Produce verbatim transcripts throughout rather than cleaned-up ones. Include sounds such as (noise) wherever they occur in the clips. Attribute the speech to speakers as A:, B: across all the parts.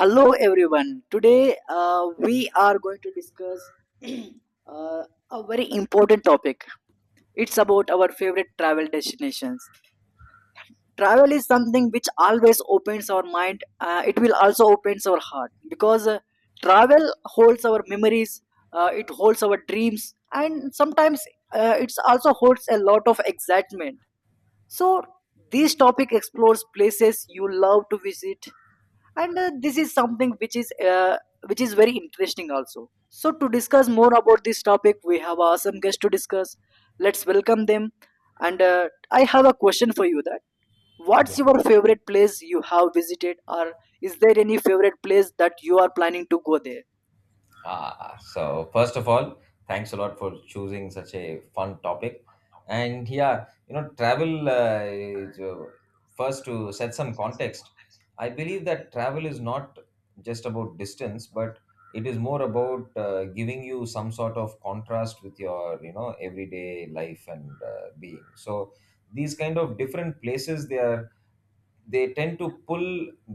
A: Hello, everyone. Today uh, we are going to discuss (clears throat) uh, a very important topic. It's about our favorite travel destinations. Travel is something which always opens our mind. Uh, it will also opens our heart because uh, travel holds our memories. Uh, it holds our dreams, and sometimes uh, it also holds a lot of excitement. So this topic explores places you love to visit, and uh, this is something which is uh, which is very interesting also. So to discuss more about this topic we have our awesome guests to discuss. Let's welcome them. And uh, I have a question for you that what's
B: Yeah.
A: your favorite place you have visited, or is there any favorite place that you are planning to go there?
B: Uh, so first of all, thanks a lot for choosing such a fun topic. And yeah, you know, travel uh, is, uh, first to set some context. I believe that travel is not just about distance, but it is more about uh, giving you some sort of contrast with your, you know, everyday life and uh, being. So these kind of different places, they are they tend to pull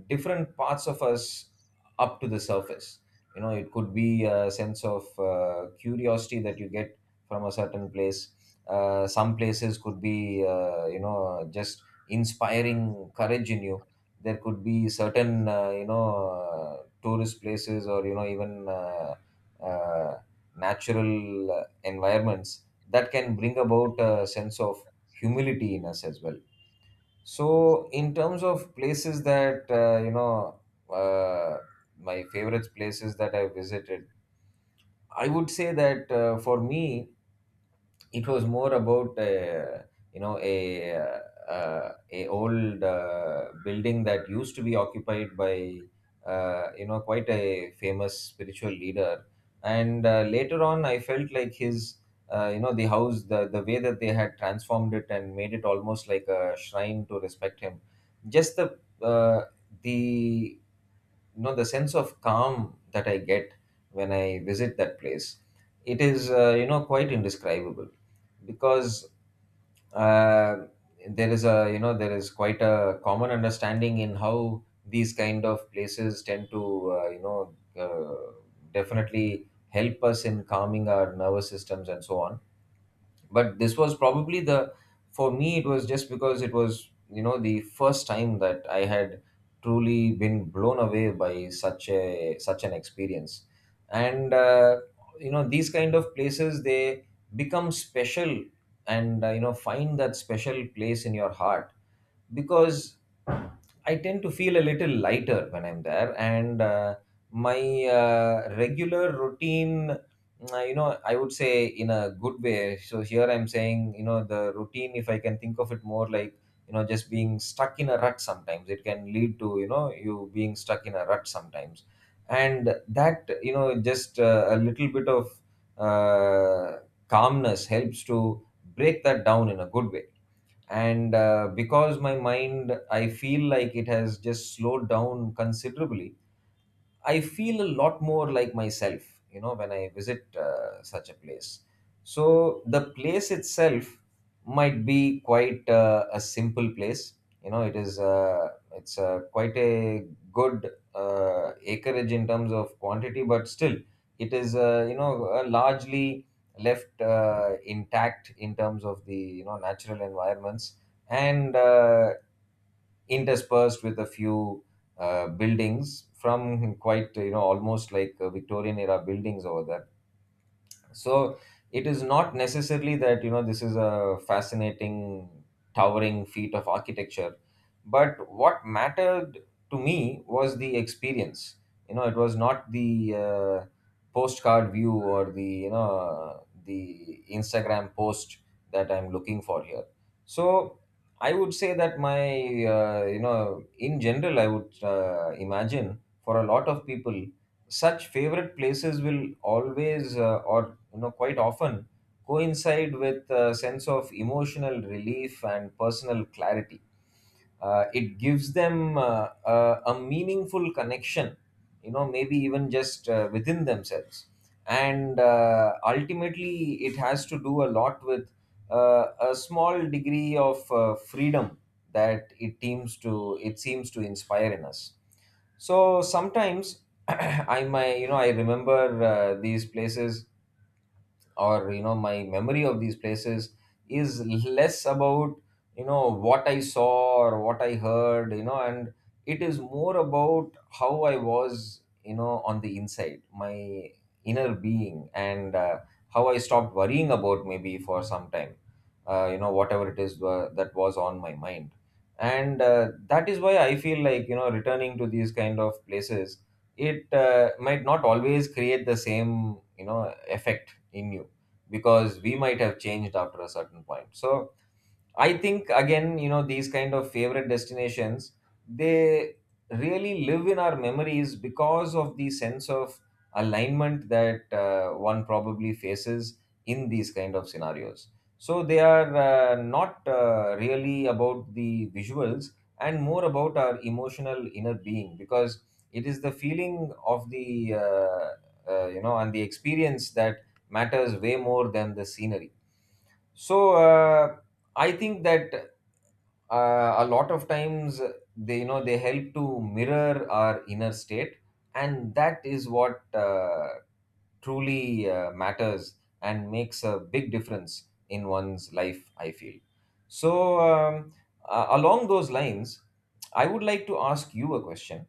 B: different parts of us up to the surface. You know it could be a sense of uh, curiosity that you get from a certain place. Uh, some places could be uh, you know just inspiring courage in you. There could be certain uh, you know uh, tourist places, or you know even uh, uh, natural uh, environments that can bring about a sense of humility in us as well. So, in terms of places that uh, you know, uh, my favorite places that I visited, I would say that uh, for me, it was more about uh, you know a uh, a old uh, building that used to be occupied by uh, you know quite a famous spiritual leader. And uh, later on I felt like his uh, you know the house, the, the way that they had transformed it and made it almost like a shrine to respect him. Just the uh, the you know the sense of calm that I get when I visit that place, it is uh, you know quite indescribable. Because uh, there is a you know there is quite a common understanding in how these kind of places tend to uh, you know uh, definitely help us in calming our nervous systems and so on. But this was probably the, for me it was just because it was you know the first time that I had truly been blown away by such a such an experience. And uh, you know these kind of places, they become special. And uh, you know find that special place in your heart, because I tend to feel a little lighter when I'm there. And uh, my uh, regular routine, uh, you know, I would say, in a good way. So here I'm saying, you know, the routine, if I can think of it more like, you know, just being stuck in a rut sometimes, it can lead to, you know, you being stuck in a rut sometimes. And that, you know, just uh, a little bit of uh, calmness helps to break that down in a good way. And uh, because my mind, I feel like it has just slowed down considerably, I feel a lot more like myself, you know, when I visit uh, such a place. So the place itself might be quite uh, a simple place. You know, it is uh, it's uh, quite a good uh, acreage in terms of quantity, but still it is uh, you know uh, largely left uh, intact in terms of the, you know natural environments. And uh, interspersed with a few uh, buildings from quite, you know almost like uh, Victorian era buildings over there. So it is not necessarily that you know this is a fascinating towering feat of architecture, but what mattered to me was the experience. You know it was not the uh, postcard view or the you know the Instagram post that I'm looking for here. So I would say that my, uh, you know in general I would uh, imagine for a lot of people such favorite places will always, uh, or you know quite often, coincide with a sense of emotional relief and personal clarity. Uh, it gives them uh, a, a meaningful connection, you know maybe even just uh, within themselves. And uh, ultimately it has to do a lot with uh, a small degree of uh, freedom that it seems to it seems to inspire in us. So sometimes (clears throat) i my you know i remember uh, these places, or you know my memory of these places is less about you know what I saw or what I heard, you know and it is more about how I was, you know on the inside, my inner being. And uh, how I stopped worrying about, maybe for some time, uh, you know whatever it is uh, that was on my mind. And uh, that is why I feel like, you know returning to these kind of places, it uh, might not always create the same, you know effect in you, because we might have changed after a certain point. So I think again, you know, these kind of favorite destinations, they really live in our memories because of the sense of alignment that uh, one probably faces in these kind of scenarios. So they are uh, not uh, really about the visuals, and more about our emotional inner being, because it is the feeling of the, uh, uh, you know and the experience, that matters way more than the scenery. So uh, I think that uh, a lot of times, they you know they help to mirror our inner state, and that is what uh, truly uh, matters and makes a big difference in one's life, I feel. So um, uh, along those lines, I would like to ask you a question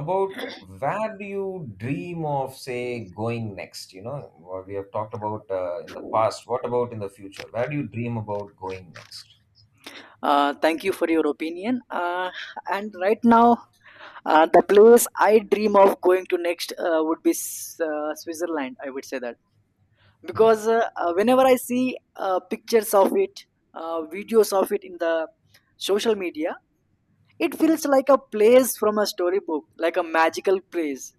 B: about, where do you dream of, say, going next? You know what we have talked about uh, in the past, what about in the future? Where do you dream about going next?
A: uh, Thank you for your opinion. Uh, and right now, uh, the place I dream of going to next uh, would be S- uh, Switzerland, I would say. That
B: Hmm.
A: because uh, uh, whenever I see uh, pictures of it, uh, videos of it in the social media, it feels like a place from a storybook, like a magical place.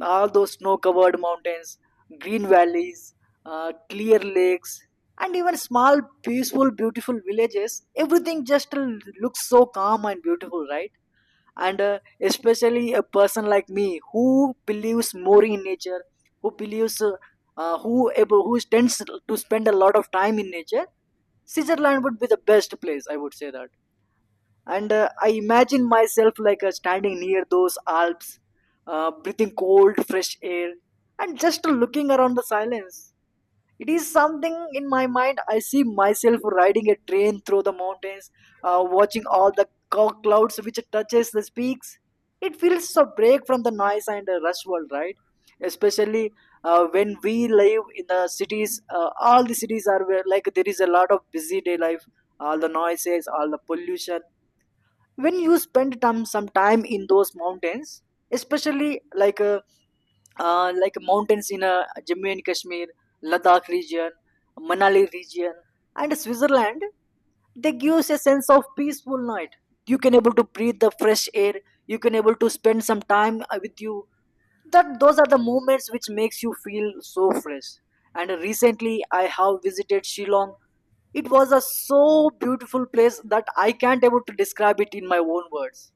A: All those snow covered mountains, green valleys, uh, clear lakes, and even small peaceful beautiful villages, everything just l- looks so calm and beautiful, right? And uh, especially a person like me who believes more in nature, who believes uh, uh, who able, who tends to spend a lot of time in nature, Switzerland would be the best place, I would say that. And uh, I imagine myself like uh, standing near those Alps, uh, breathing cold fresh air and just looking around the silence. It is something in my mind. I see myself riding a train through the mountains, uh, watching all the cou- clouds which touches the peaks. It feels a break from the noise and the rush world, right? Especially uh, when we live in the cities, uh, all the cities are where, like, there is a lot of busy day life, all the noises, all the pollution. When you spend time some time in those mountains, especially like uh, uh, like mountains in uh, Jammu and Kashmir, Ladakh region, Manali region, and Switzerland, they give us a sense of peaceful night. You can able to breathe the fresh air. You can able to spend some time uh, with you. That those are the moments which makes you feel so fresh. And recently, I have visited Shillong. It was a so beautiful place that I can't able to describe it in my own words.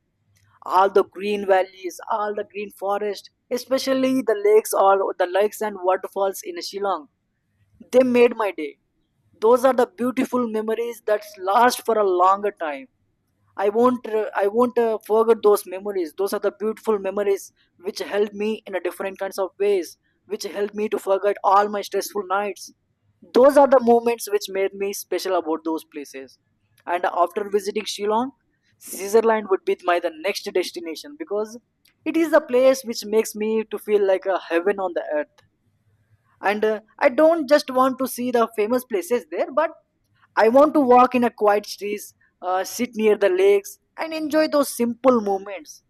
A: All the green valleys, all the green forest, especially the lakes, or the lakes and waterfalls in Shillong. They made my day. Those are the beautiful memories that last for a longer time. I won't uh, i won't uh, forget those memories. Those are the beautiful memories which helped me in a different kinds of ways, which helped me to forget all my stressful nights. Those are the moments which made me special about those places. And after visiting Shillong, Switzerland would be my the next destination because it is the place which makes me to feel like a heaven on the earth. And uh, I don't just want to see the famous places there, but I want to walk in a quiet streets, uh, sit near the lakes and enjoy those simple moments.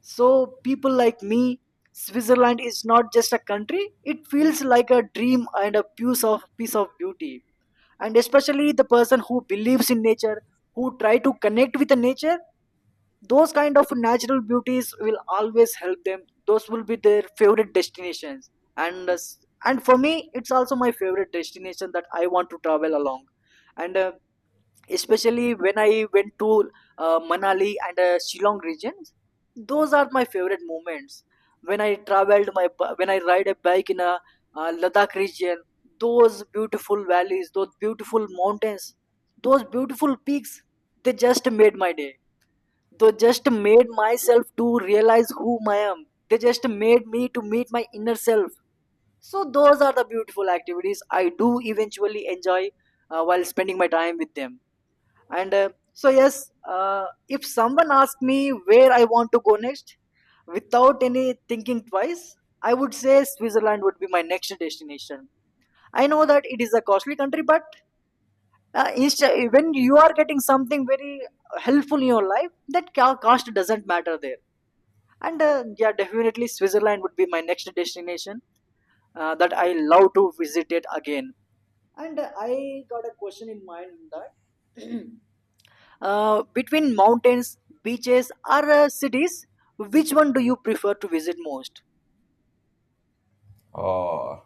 A: So people like me, Switzerland is not just a country, it feels like a dream and a piece of piece of beauty. And especially the person who believes in nature, who try to connect with the nature, those kind of natural beauties will always help them. Those will be their favorite destinations. And uh, s- and for me it's also my favorite destination that I want to travel along. And uh, especially when I went to uh, Manali and uh, Shillong regions. Those are my favorite moments. When I traveled my b- when I ride a bike in a uh, Ladakh region, those beautiful valleys, those beautiful mountains, those beautiful peaks, they just made my day. They just made myself to realize who I am. They just made me to meet my inner self. So those are the beautiful activities I do eventually enjoy uh, while spending my time with them. And uh, so yes, uh, if someone asked me where I want to go next, without any thinking twice, I would say Switzerland would be my next destination. I know that it is a costly country, but uh, insta- when you are getting something very helpful in your life, that ca- cost doesn't matter there. And uh, yeah, definitely Switzerland would be my next destination, uh, that I love to visit it again. And uh, I got a question in mind that (clears throat) Uh, between mountains, beaches, or uh, cities, which one do you prefer to visit most?
B: Oh,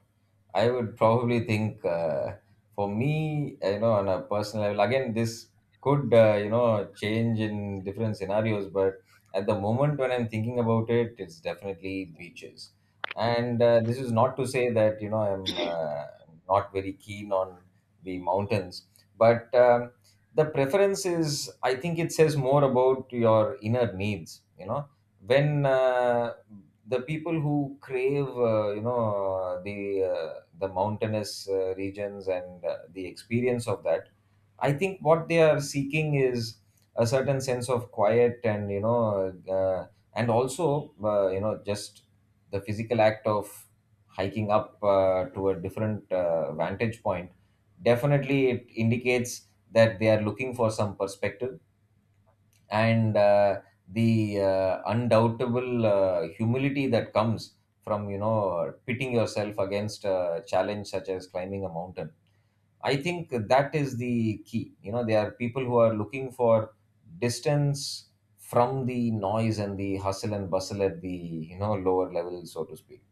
B: I would probably think uh, for me, you know, on a personal level, again, this could, uh, you know, change in different scenarios, but at the moment when I'm thinking about it, it's definitely beaches. And uh, this is not to say that, you know, I'm uh, not very keen on the mountains, but um, the preference is, I think, it says more about your inner needs, you know when uh, the people who crave uh, you know uh, the uh, the mountainous uh, regions and uh, the experience of that, I think what they are seeking is a certain sense of quiet, and you know uh, and also uh, you know just the physical act of hiking up uh, to a different uh, vantage point. Definitely it indicates that they are looking for some perspective, and uh, the uh, undoubtable uh, humility that comes from you know pitting yourself against a challenge such as climbing a mountain. I think that is the key. You know there are people who are looking for distance from the noise and the hustle and bustle at the, you know lower level, so to speak.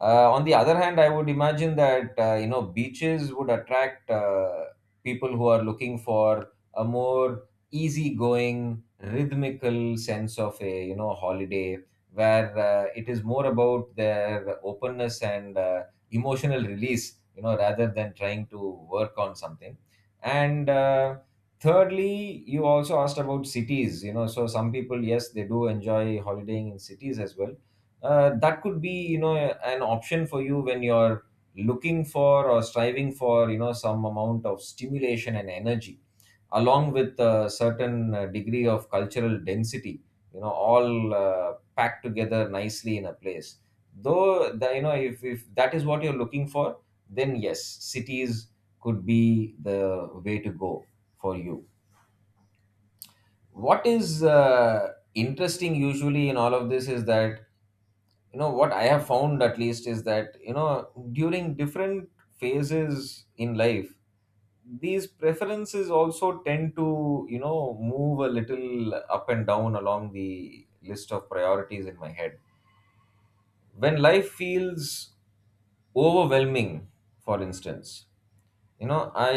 B: uh, On the other hand, I would imagine that uh, you know beaches would attract uh, people who are looking for a more easygoing, rhythmical sense of a, you know holiday, where uh, it is more about their openness and uh, emotional release, you know, rather than trying to work on something. And uh, thirdly, you also asked about cities, you know, so some people, yes, they do enjoy holidaying in cities as well. Uh, that could be you know an option for you when you're looking for, or striving for, you know some amount of stimulation and energy, along with a certain uh, degree of cultural density, you know all uh, packed together nicely in a place. Though the, you know if, if that is what you're looking for, then yes, cities could be the way to go for you. What is uh, interesting usually in all of this is that, you know what I have found at least is that, you know during different phases in life, these preferences also tend to, you know move a little up and down along the list of priorities in my head. When life feels overwhelming, for instance, you know I,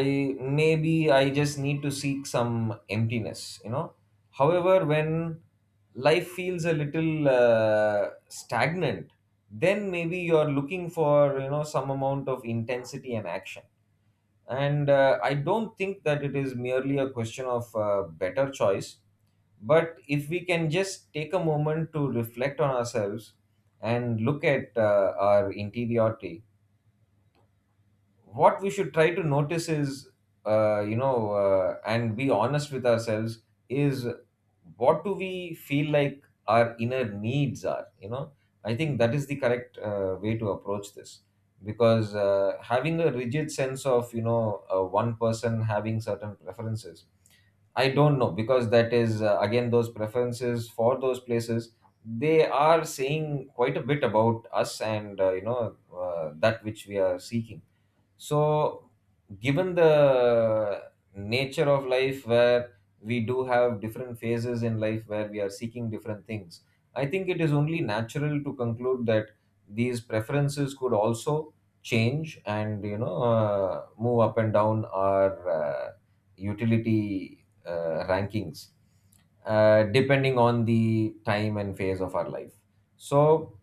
B: maybe I just need to seek some emptiness. You know however, when life feels a little uh, stagnant, then maybe you're looking for, you know some amount of intensity and action. And uh, I don't think that it is merely a question of uh, better choice, but if we can just take a moment to reflect on ourselves and look at uh, our interiority, what we should try to notice is, uh, you know uh, and be honest with ourselves, is, what do we feel like our inner needs are? you know I think that is the correct uh, way to approach this. Because uh, having a rigid sense of, you know uh, one person having certain preferences, I don't know, because that is, uh, again, those preferences for those places, they are saying quite a bit about us. And uh, you know uh, that which we are seeking. So, given the nature of life, where we do have different phases in life where we are seeking different things, I think it is only natural to conclude that these preferences could also change and you know uh, move up and down our uh, utility uh, rankings uh, depending on the time and phase of our life. So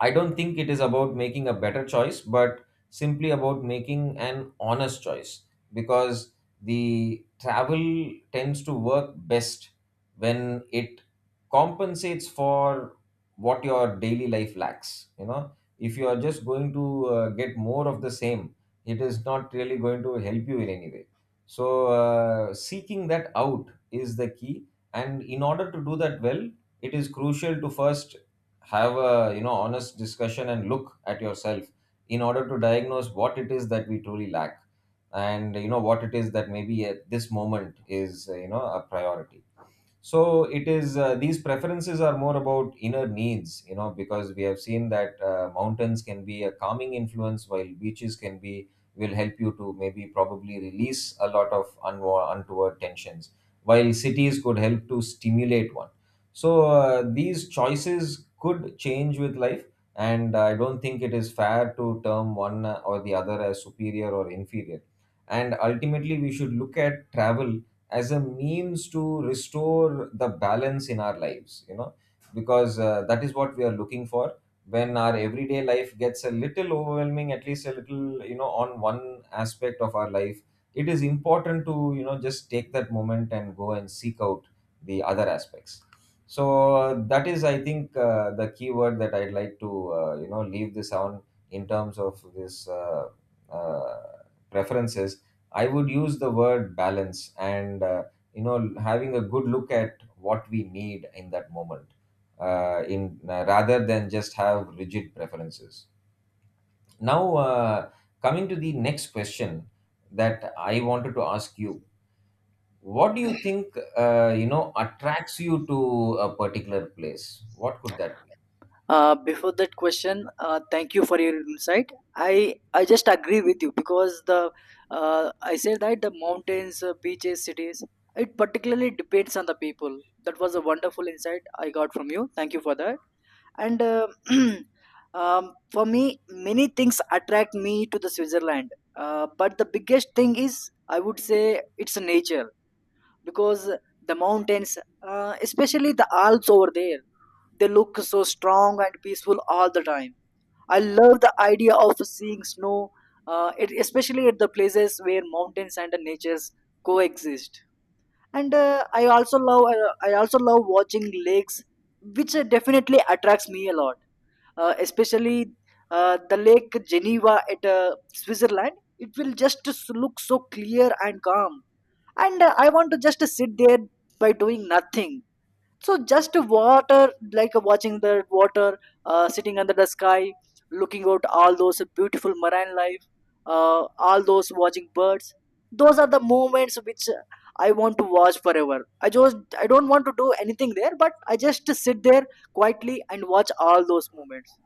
B: I don't think it is about making a better choice, but simply about making an honest choice, because the travel tends to work best when it compensates for what your daily life lacks. You know, if you are just going to uh, get more of the same, it is not really going to help you in any way. So, uh, seeking that out is the key. And in order to do that well, it is crucial to first have a, you know, honest discussion and look at yourself in order to diagnose what it is that we truly lack, and you know what it is that maybe at this moment is, uh, you know, a priority. So it is, uh, these preferences are more about inner needs, you know, because we have seen that uh, mountains can be a calming influence, while beaches can be, will help you to maybe probably release a lot of unwa- untoward tensions, while cities could help to stimulate one. So uh, these choices could change with life, and I don't think it is fair to term one or the other as superior or inferior. And ultimately we should look at travel as a means to restore the balance in our lives, you know, because uh, that is what we are looking for. When our everyday life gets a little overwhelming, at least a little, you know, on one aspect of our life, it is important to, you know, just take that moment and go and seek out the other aspects. So uh, that is, I think, uh, the key word that I'd like to uh, you know leave this on, in terms of this, uh, uh, preferences. I would use the word balance, and uh, you know, having a good look at what we need in that moment, uh, in uh, rather than just have rigid preferences. Now, uh, coming to the next question that I wanted to ask you, what do you think uh, you know attracts you to a particular place? What could that be?
A: Uh, before that question, uh, thank you for your insight. I I just agree with you because the uh, I said that the mountains, uh, beaches, cities. It particularly depends on the people. That was a wonderful insight I got from you. Thank you for that. And uh, (clears throat) um, for me, many things attract me to the Switzerland. Uh, but the biggest thing is, I would say, it's nature because the mountains, uh, especially the Alps over there, they look so strong and peaceful all the time. I love the idea of seeing snow, uh, it, especially at the places where mountains and the natures coexist. And uh, I also love uh, i also love watching lakes, which uh, definitely attracts me a lot, uh, especially uh, the Lake Geneva at uh, Switzerland. It will just s- look so clear and calm. And uh, I want to just sit there by doing nothing. So just water, like watching the water, uh, sitting under the sky, looking out all those beautiful marine life, uh, all those watching birds. Those are the moments which uh, I want to watch forever. I just, I don't want to do anything there, but I just sit there quietly and watch all those moments.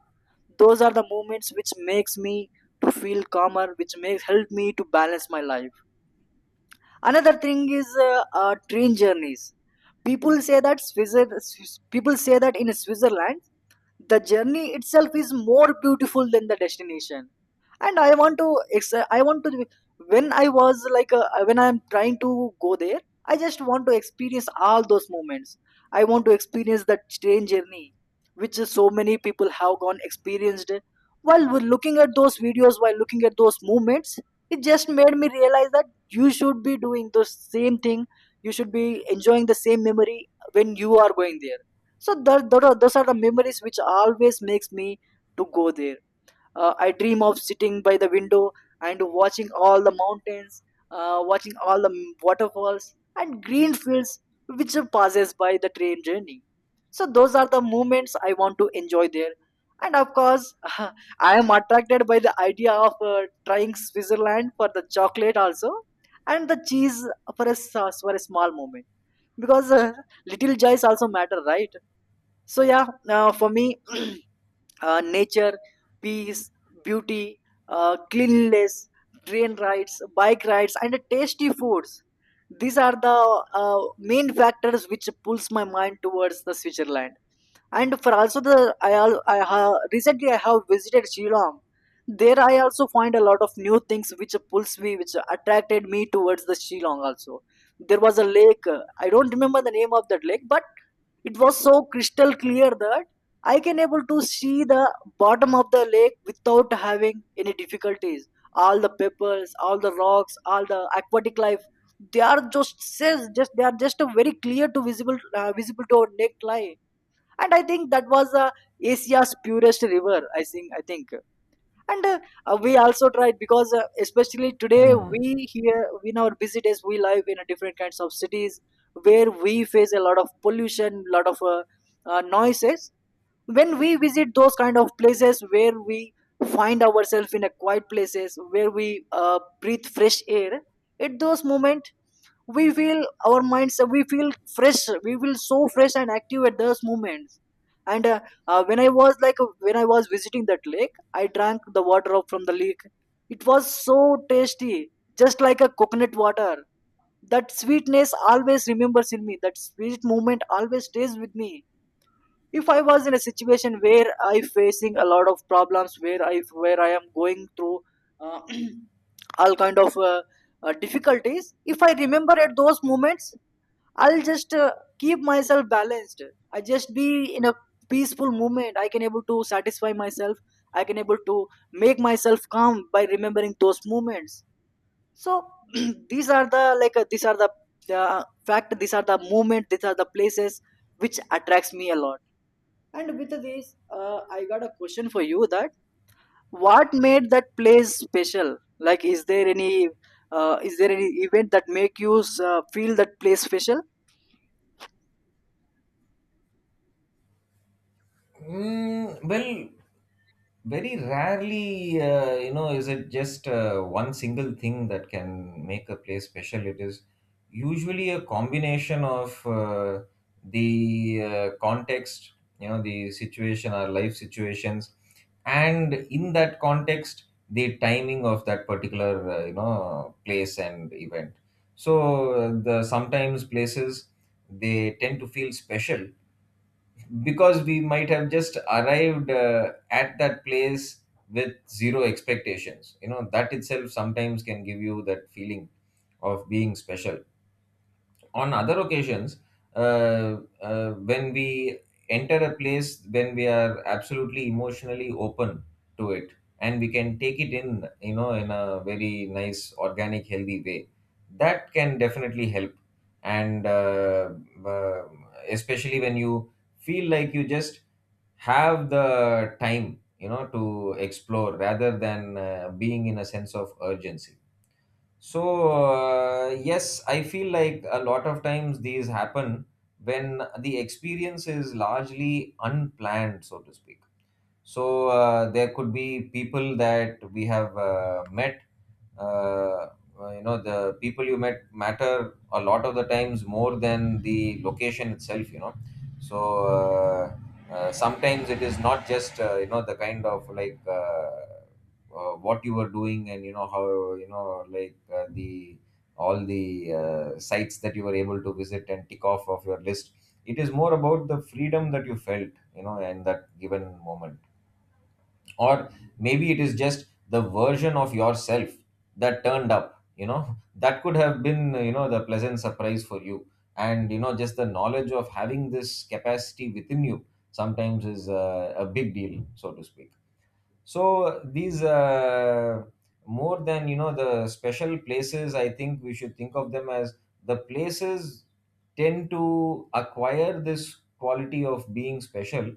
A: Those are the moments which makes me to feel calmer, which makes help me to balance my life. Another thing is uh, uh, train journeys. People say that Swiss- people say that in Switzerland the journey itself is more beautiful than the destination, and I want to ex- I want to, when I was like uh, when I'm trying to go there, I just want to experience all those moments. I want to experience that train journey which so many people have gone experienced. While we're looking at those videos, while looking at those moments, it just made me realize that you should be doing the same thing. You should be enjoying the same memory when you are going there. So tho- tho- those are the memories which always makes me to go there. uh, I dream of sitting by the window and watching all the mountains, uh, watching all the m- waterfalls and green fields which passes by the train journey. So those are the moments I want to enjoy there. And of course, (laughs) I am attracted by the idea of uh, trying Switzerland for the chocolate also, and the cheese, for a, s- for a small moment, because uh, little joys also matter, right? So yeah, uh, for me, (clears throat) uh, nature, peace, beauty, uh, cleanliness, train rides, bike rides, and tasty foods. These are the uh, main factors which pulls my mind towards the Switzerland. And for also the I, al- I ha, recently I have visited Shillong. There I also find a lot of new things which pulls me, which attracted me towards the Shillong also. There was a lake. uh, I don't remember the name of that lake, but it was so crystal clear that I can able to see the bottom of the lake without having any difficulties. All the pebbles, all the rocks, all the aquatic life, they are just says just they are just a very clear to visible uh, visible to our neckline. And I think that was uh, Asia's purest river. I think I think and uh, uh, We also tried because, uh, especially today,
B: Hmm.
A: we here in our busy days, we live in a different kinds of cities where we face a lot of pollution, lot of uh, uh, noises. When we visit those kind of places where we find ourselves in a quiet places, where we uh, breathe fresh air, at those moment we feel our minds, we feel fresh, we feel so fresh and active at those moments. And uh, uh, when i was like when I was visiting that lake, I drank the water up from the lake. It was so tasty, just like a coconut water. That sweetness always remembers in me, that sweet moment always stays with me. If I was in a situation where I facing a lot of problems, where i where I am going through uh, (clears throat) all kind of uh, uh, difficulties, if I remember at those moments, I'll just uh, keep myself balanced. I just be in a peaceful moment, I can able to satisfy myself, I can able to make myself calm by remembering those moments. So (clears throat) these are the like uh, these are the uh, fact these are the moment, these are the places which attracts me a lot. And with this, uh, I got a question for you that, what made that place special? Like, is there any uh, is there any event that make you uh, feel that place special?
B: Mm, well, very rarely, uh, you know, is it just uh, one single thing that can make a place special. It is usually a combination of uh, the uh, context, you know, the situation, our life situations, and in that context, the timing of that particular, uh, you know, place and event. So, uh, the sometimes places they tend to feel special because we might have just arrived uh, at that place with zero expectations, you know, that itself sometimes can give you that feeling of being special. On other occasions, uh, uh, when we enter a place, when we are absolutely emotionally open to it and we can take it in, you know, in a very nice organic healthy way, that can definitely help. And uh, uh, especially when you feel like you just have the time, you know, to explore rather than uh, being in a sense of urgency. So uh, yes, I feel like a lot of times these happen when the experience is largely unplanned, so to speak. So uh, there could be people that we have uh, met. Uh, uh, you know, the people you met matter a lot of the times more than the location itself. You know, so uh, uh, sometimes it is not just, uh, you know, the kind of like, uh, uh, what you were doing and, you know, how, you know, like, uh, the all the uh, sites that you were able to visit and tick off of your list. It is more about the freedom that you felt, you know, in that given moment, or maybe it is just the version of yourself that turned up, you know, (laughs) that could have been, you know, the pleasant surprise for you. And you know just the knowledge of having this capacity within you sometimes is uh, a big deal, so to speak. So these, uh, more than, you know, the special places, I think we should think of them as the places tend to acquire this quality of being special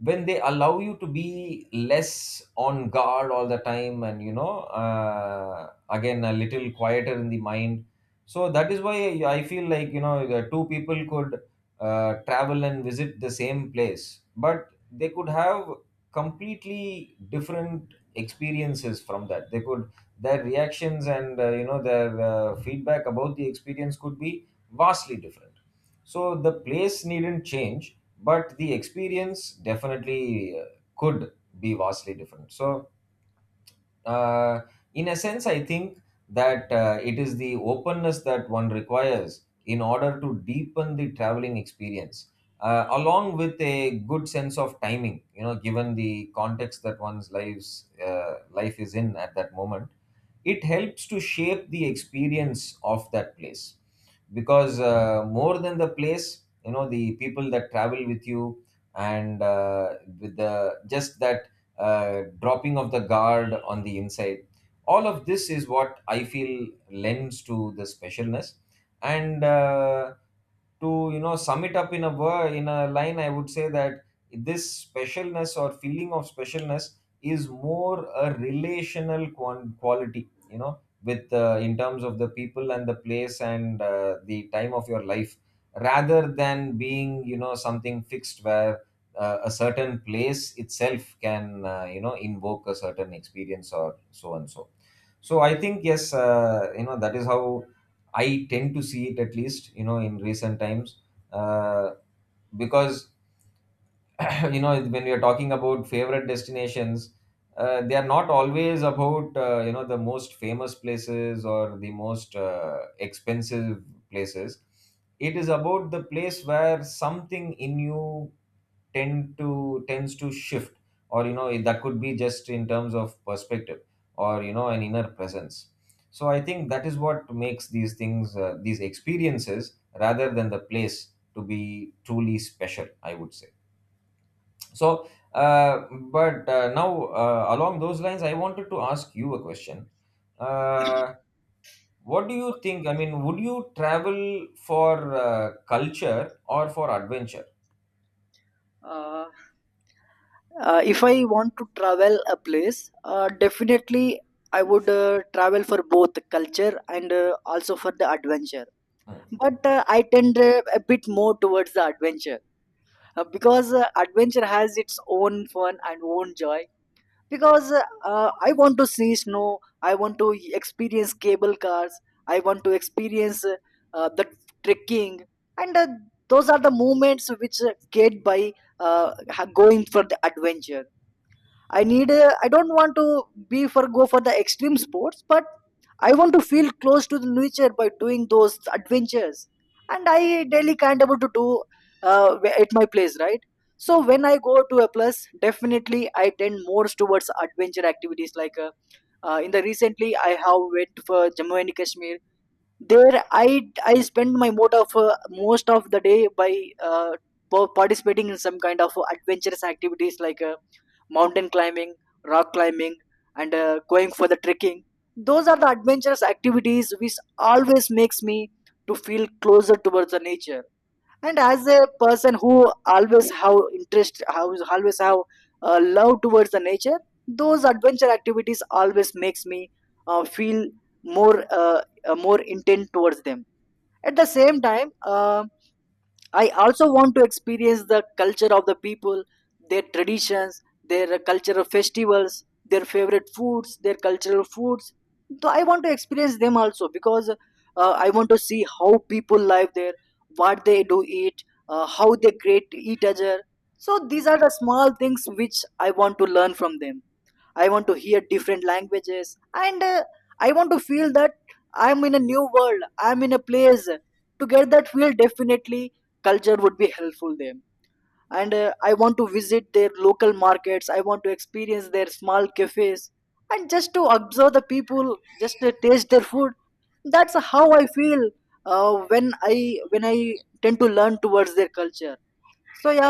B: when they allow you to be less on guard all the time and, you know, uh, again a little quieter in the mind. So that is why I feel like, you know, the two people could uh, travel and visit the same place, but they could have completely different experiences from that. They could, their reactions and, uh, you know, their uh, feedback about the experience could be vastly different. So the place needn't change, but the experience definitely uh, could be vastly different. So, uh, in a sense, I think that uh, it is the openness that one requires in order to deepen the traveling experience, uh, along with a good sense of timing. You know, given the context that one's lives uh, life is in at that moment, it helps to shape the experience of that place. Because uh, more than the place, you know, the people that travel with you, and uh, with the just that uh, dropping of the guard on the inside. All of this is what I feel lends to the specialness. And uh, to, you know, sum it up in a word, in a line, I would say that this specialness or feeling of specialness is more a relational quan- quality. You know, with uh, in terms of the people and the place and uh, the time of your life, rather than being, you know, something fixed, where uh, a certain place itself can, uh, you know, invoke a certain experience or so and so. So I think, yes, uh, you know, that is how I tend to see it, at least, you know, in recent times. uh, because (coughs) (clears throat) you know, when we are talking about favorite destinations, uh, they are not always about, uh, you know, the most famous places or the most uh, expensive places. It is about the place where something in you tend to tends to shift, or, you know, that could be just in terms of perspective, or, you know, an inner presence. So I think that is what makes these things, uh, these experiences, rather than the place, to be truly special, I would say. So, uh, but uh, now uh, along those lines, I wanted to ask you a question. Uh, what do you think? I mean, would you travel for uh, culture or for adventure?
A: Uh, uh, if I want to travel a place, uh, definitely I would uh, travel for both culture and uh, also for the adventure. But uh, I tend uh, a bit more towards the adventure, uh, because uh, adventure has its own fun and own joy. Because uh, I want to see snow, I want to experience cable cars, I want to experience uh, the trekking. And uh, Those are the moments which uh, get by uh, ha- going for the adventure. I need uh, I don't want to be for go for the extreme sports, but I want to feel close to the nature by doing those adventures, and I daily can't able to do uh, at my place, right? So when I go to a place, definitely I tend more towards adventure activities. Like uh, uh, in the recently, I have went for Jammu and Kashmir. There i i spend my mode of uh, most of the day by uh, pa- participating in some kind of adventurous activities, like uh, mountain climbing, rock climbing, and uh, going for the trekking. Those are the adventurous activities which always makes me to feel closer towards the nature. And as a person who always have interest how always have uh, love towards the nature, those adventure activities always makes me uh, feel more uh, uh, more intent towards them. At the same time, um I also want to experience the culture of the people, their traditions, their cultural festivals, their favorite foods, their cultural foods. So I want to experience them also, because uh, I want to see how people live there, what they do eat, uh, how they greet each other. So these are the small things which I want to learn from them. I want to hear different languages, and uh, I want to feel that I'm in a new world, I'm in a place. To get that feel, definitely culture would be helpful them. And uh, I want to visit their local markets, I want to experience their small cafes, and just to observe the people, just to taste their food. That's how I feel uh, when i when i tend to learn towards their culture. So yeah,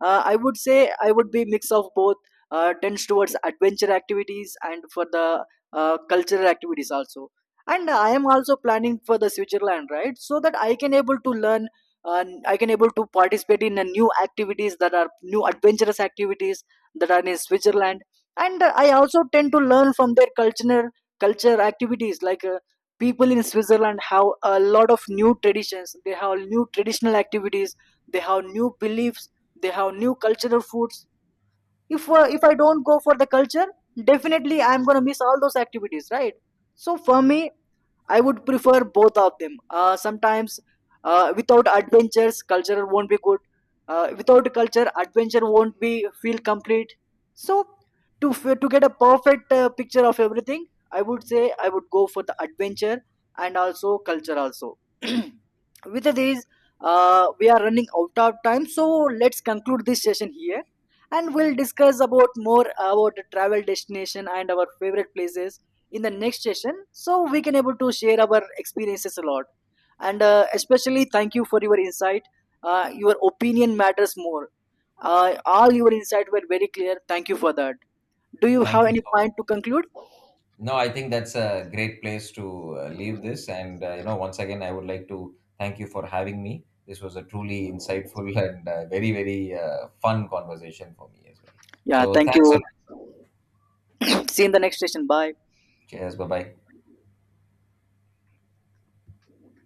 A: uh, I would say I would be mix of both. Uh, tends towards adventure activities and for the uh, cultural activities also. And I am also planning for the Switzerland, right? So that I can able to learn. Uh, I can able to participate in a new activities, that are new adventurous activities that are in Switzerland. And uh, I also tend to learn from their cultural culture activities like. Uh, people in switzerland have a lot of new traditions, they have new traditional activities, they have new beliefs, they have new cultural foods. If uh, if I don't go for the culture, definitely I'm going to miss all those activities, right? So for me, I would prefer both of them. Uh, sometimes, uh, without adventures, culture won't be good. Uh, without culture, adventure won't be feel complete. So, to f- to get a perfect uh, picture of everything, I would say I would go for the adventure and also culture also. (clears throat) With these, uh, we are running out of time, so let's conclude this session here, and we'll discuss about more about travel destination and our favorite places in the next session, so we can able to share our experiences a lot. And uh, especially, thank you for your insight, uh, your opinion matters more, uh, all your insight were very clear. Thank you for that. Do you have
B: Thank you
A: any
B: so much.
A: point to conclude?
B: No, I think that's a great place to uh, leave this. And, uh, you know, once again, I would like to thank you for having me. This was a truly insightful (laughs) and uh, very, very uh, fun conversation for me as well.
A: Yeah,
B: So,
A: thank
B: thanks a
A: you.
B: lot.
A: (coughs) (clears throat) See you in the next session. Bye.
B: Cheers. Bye bye.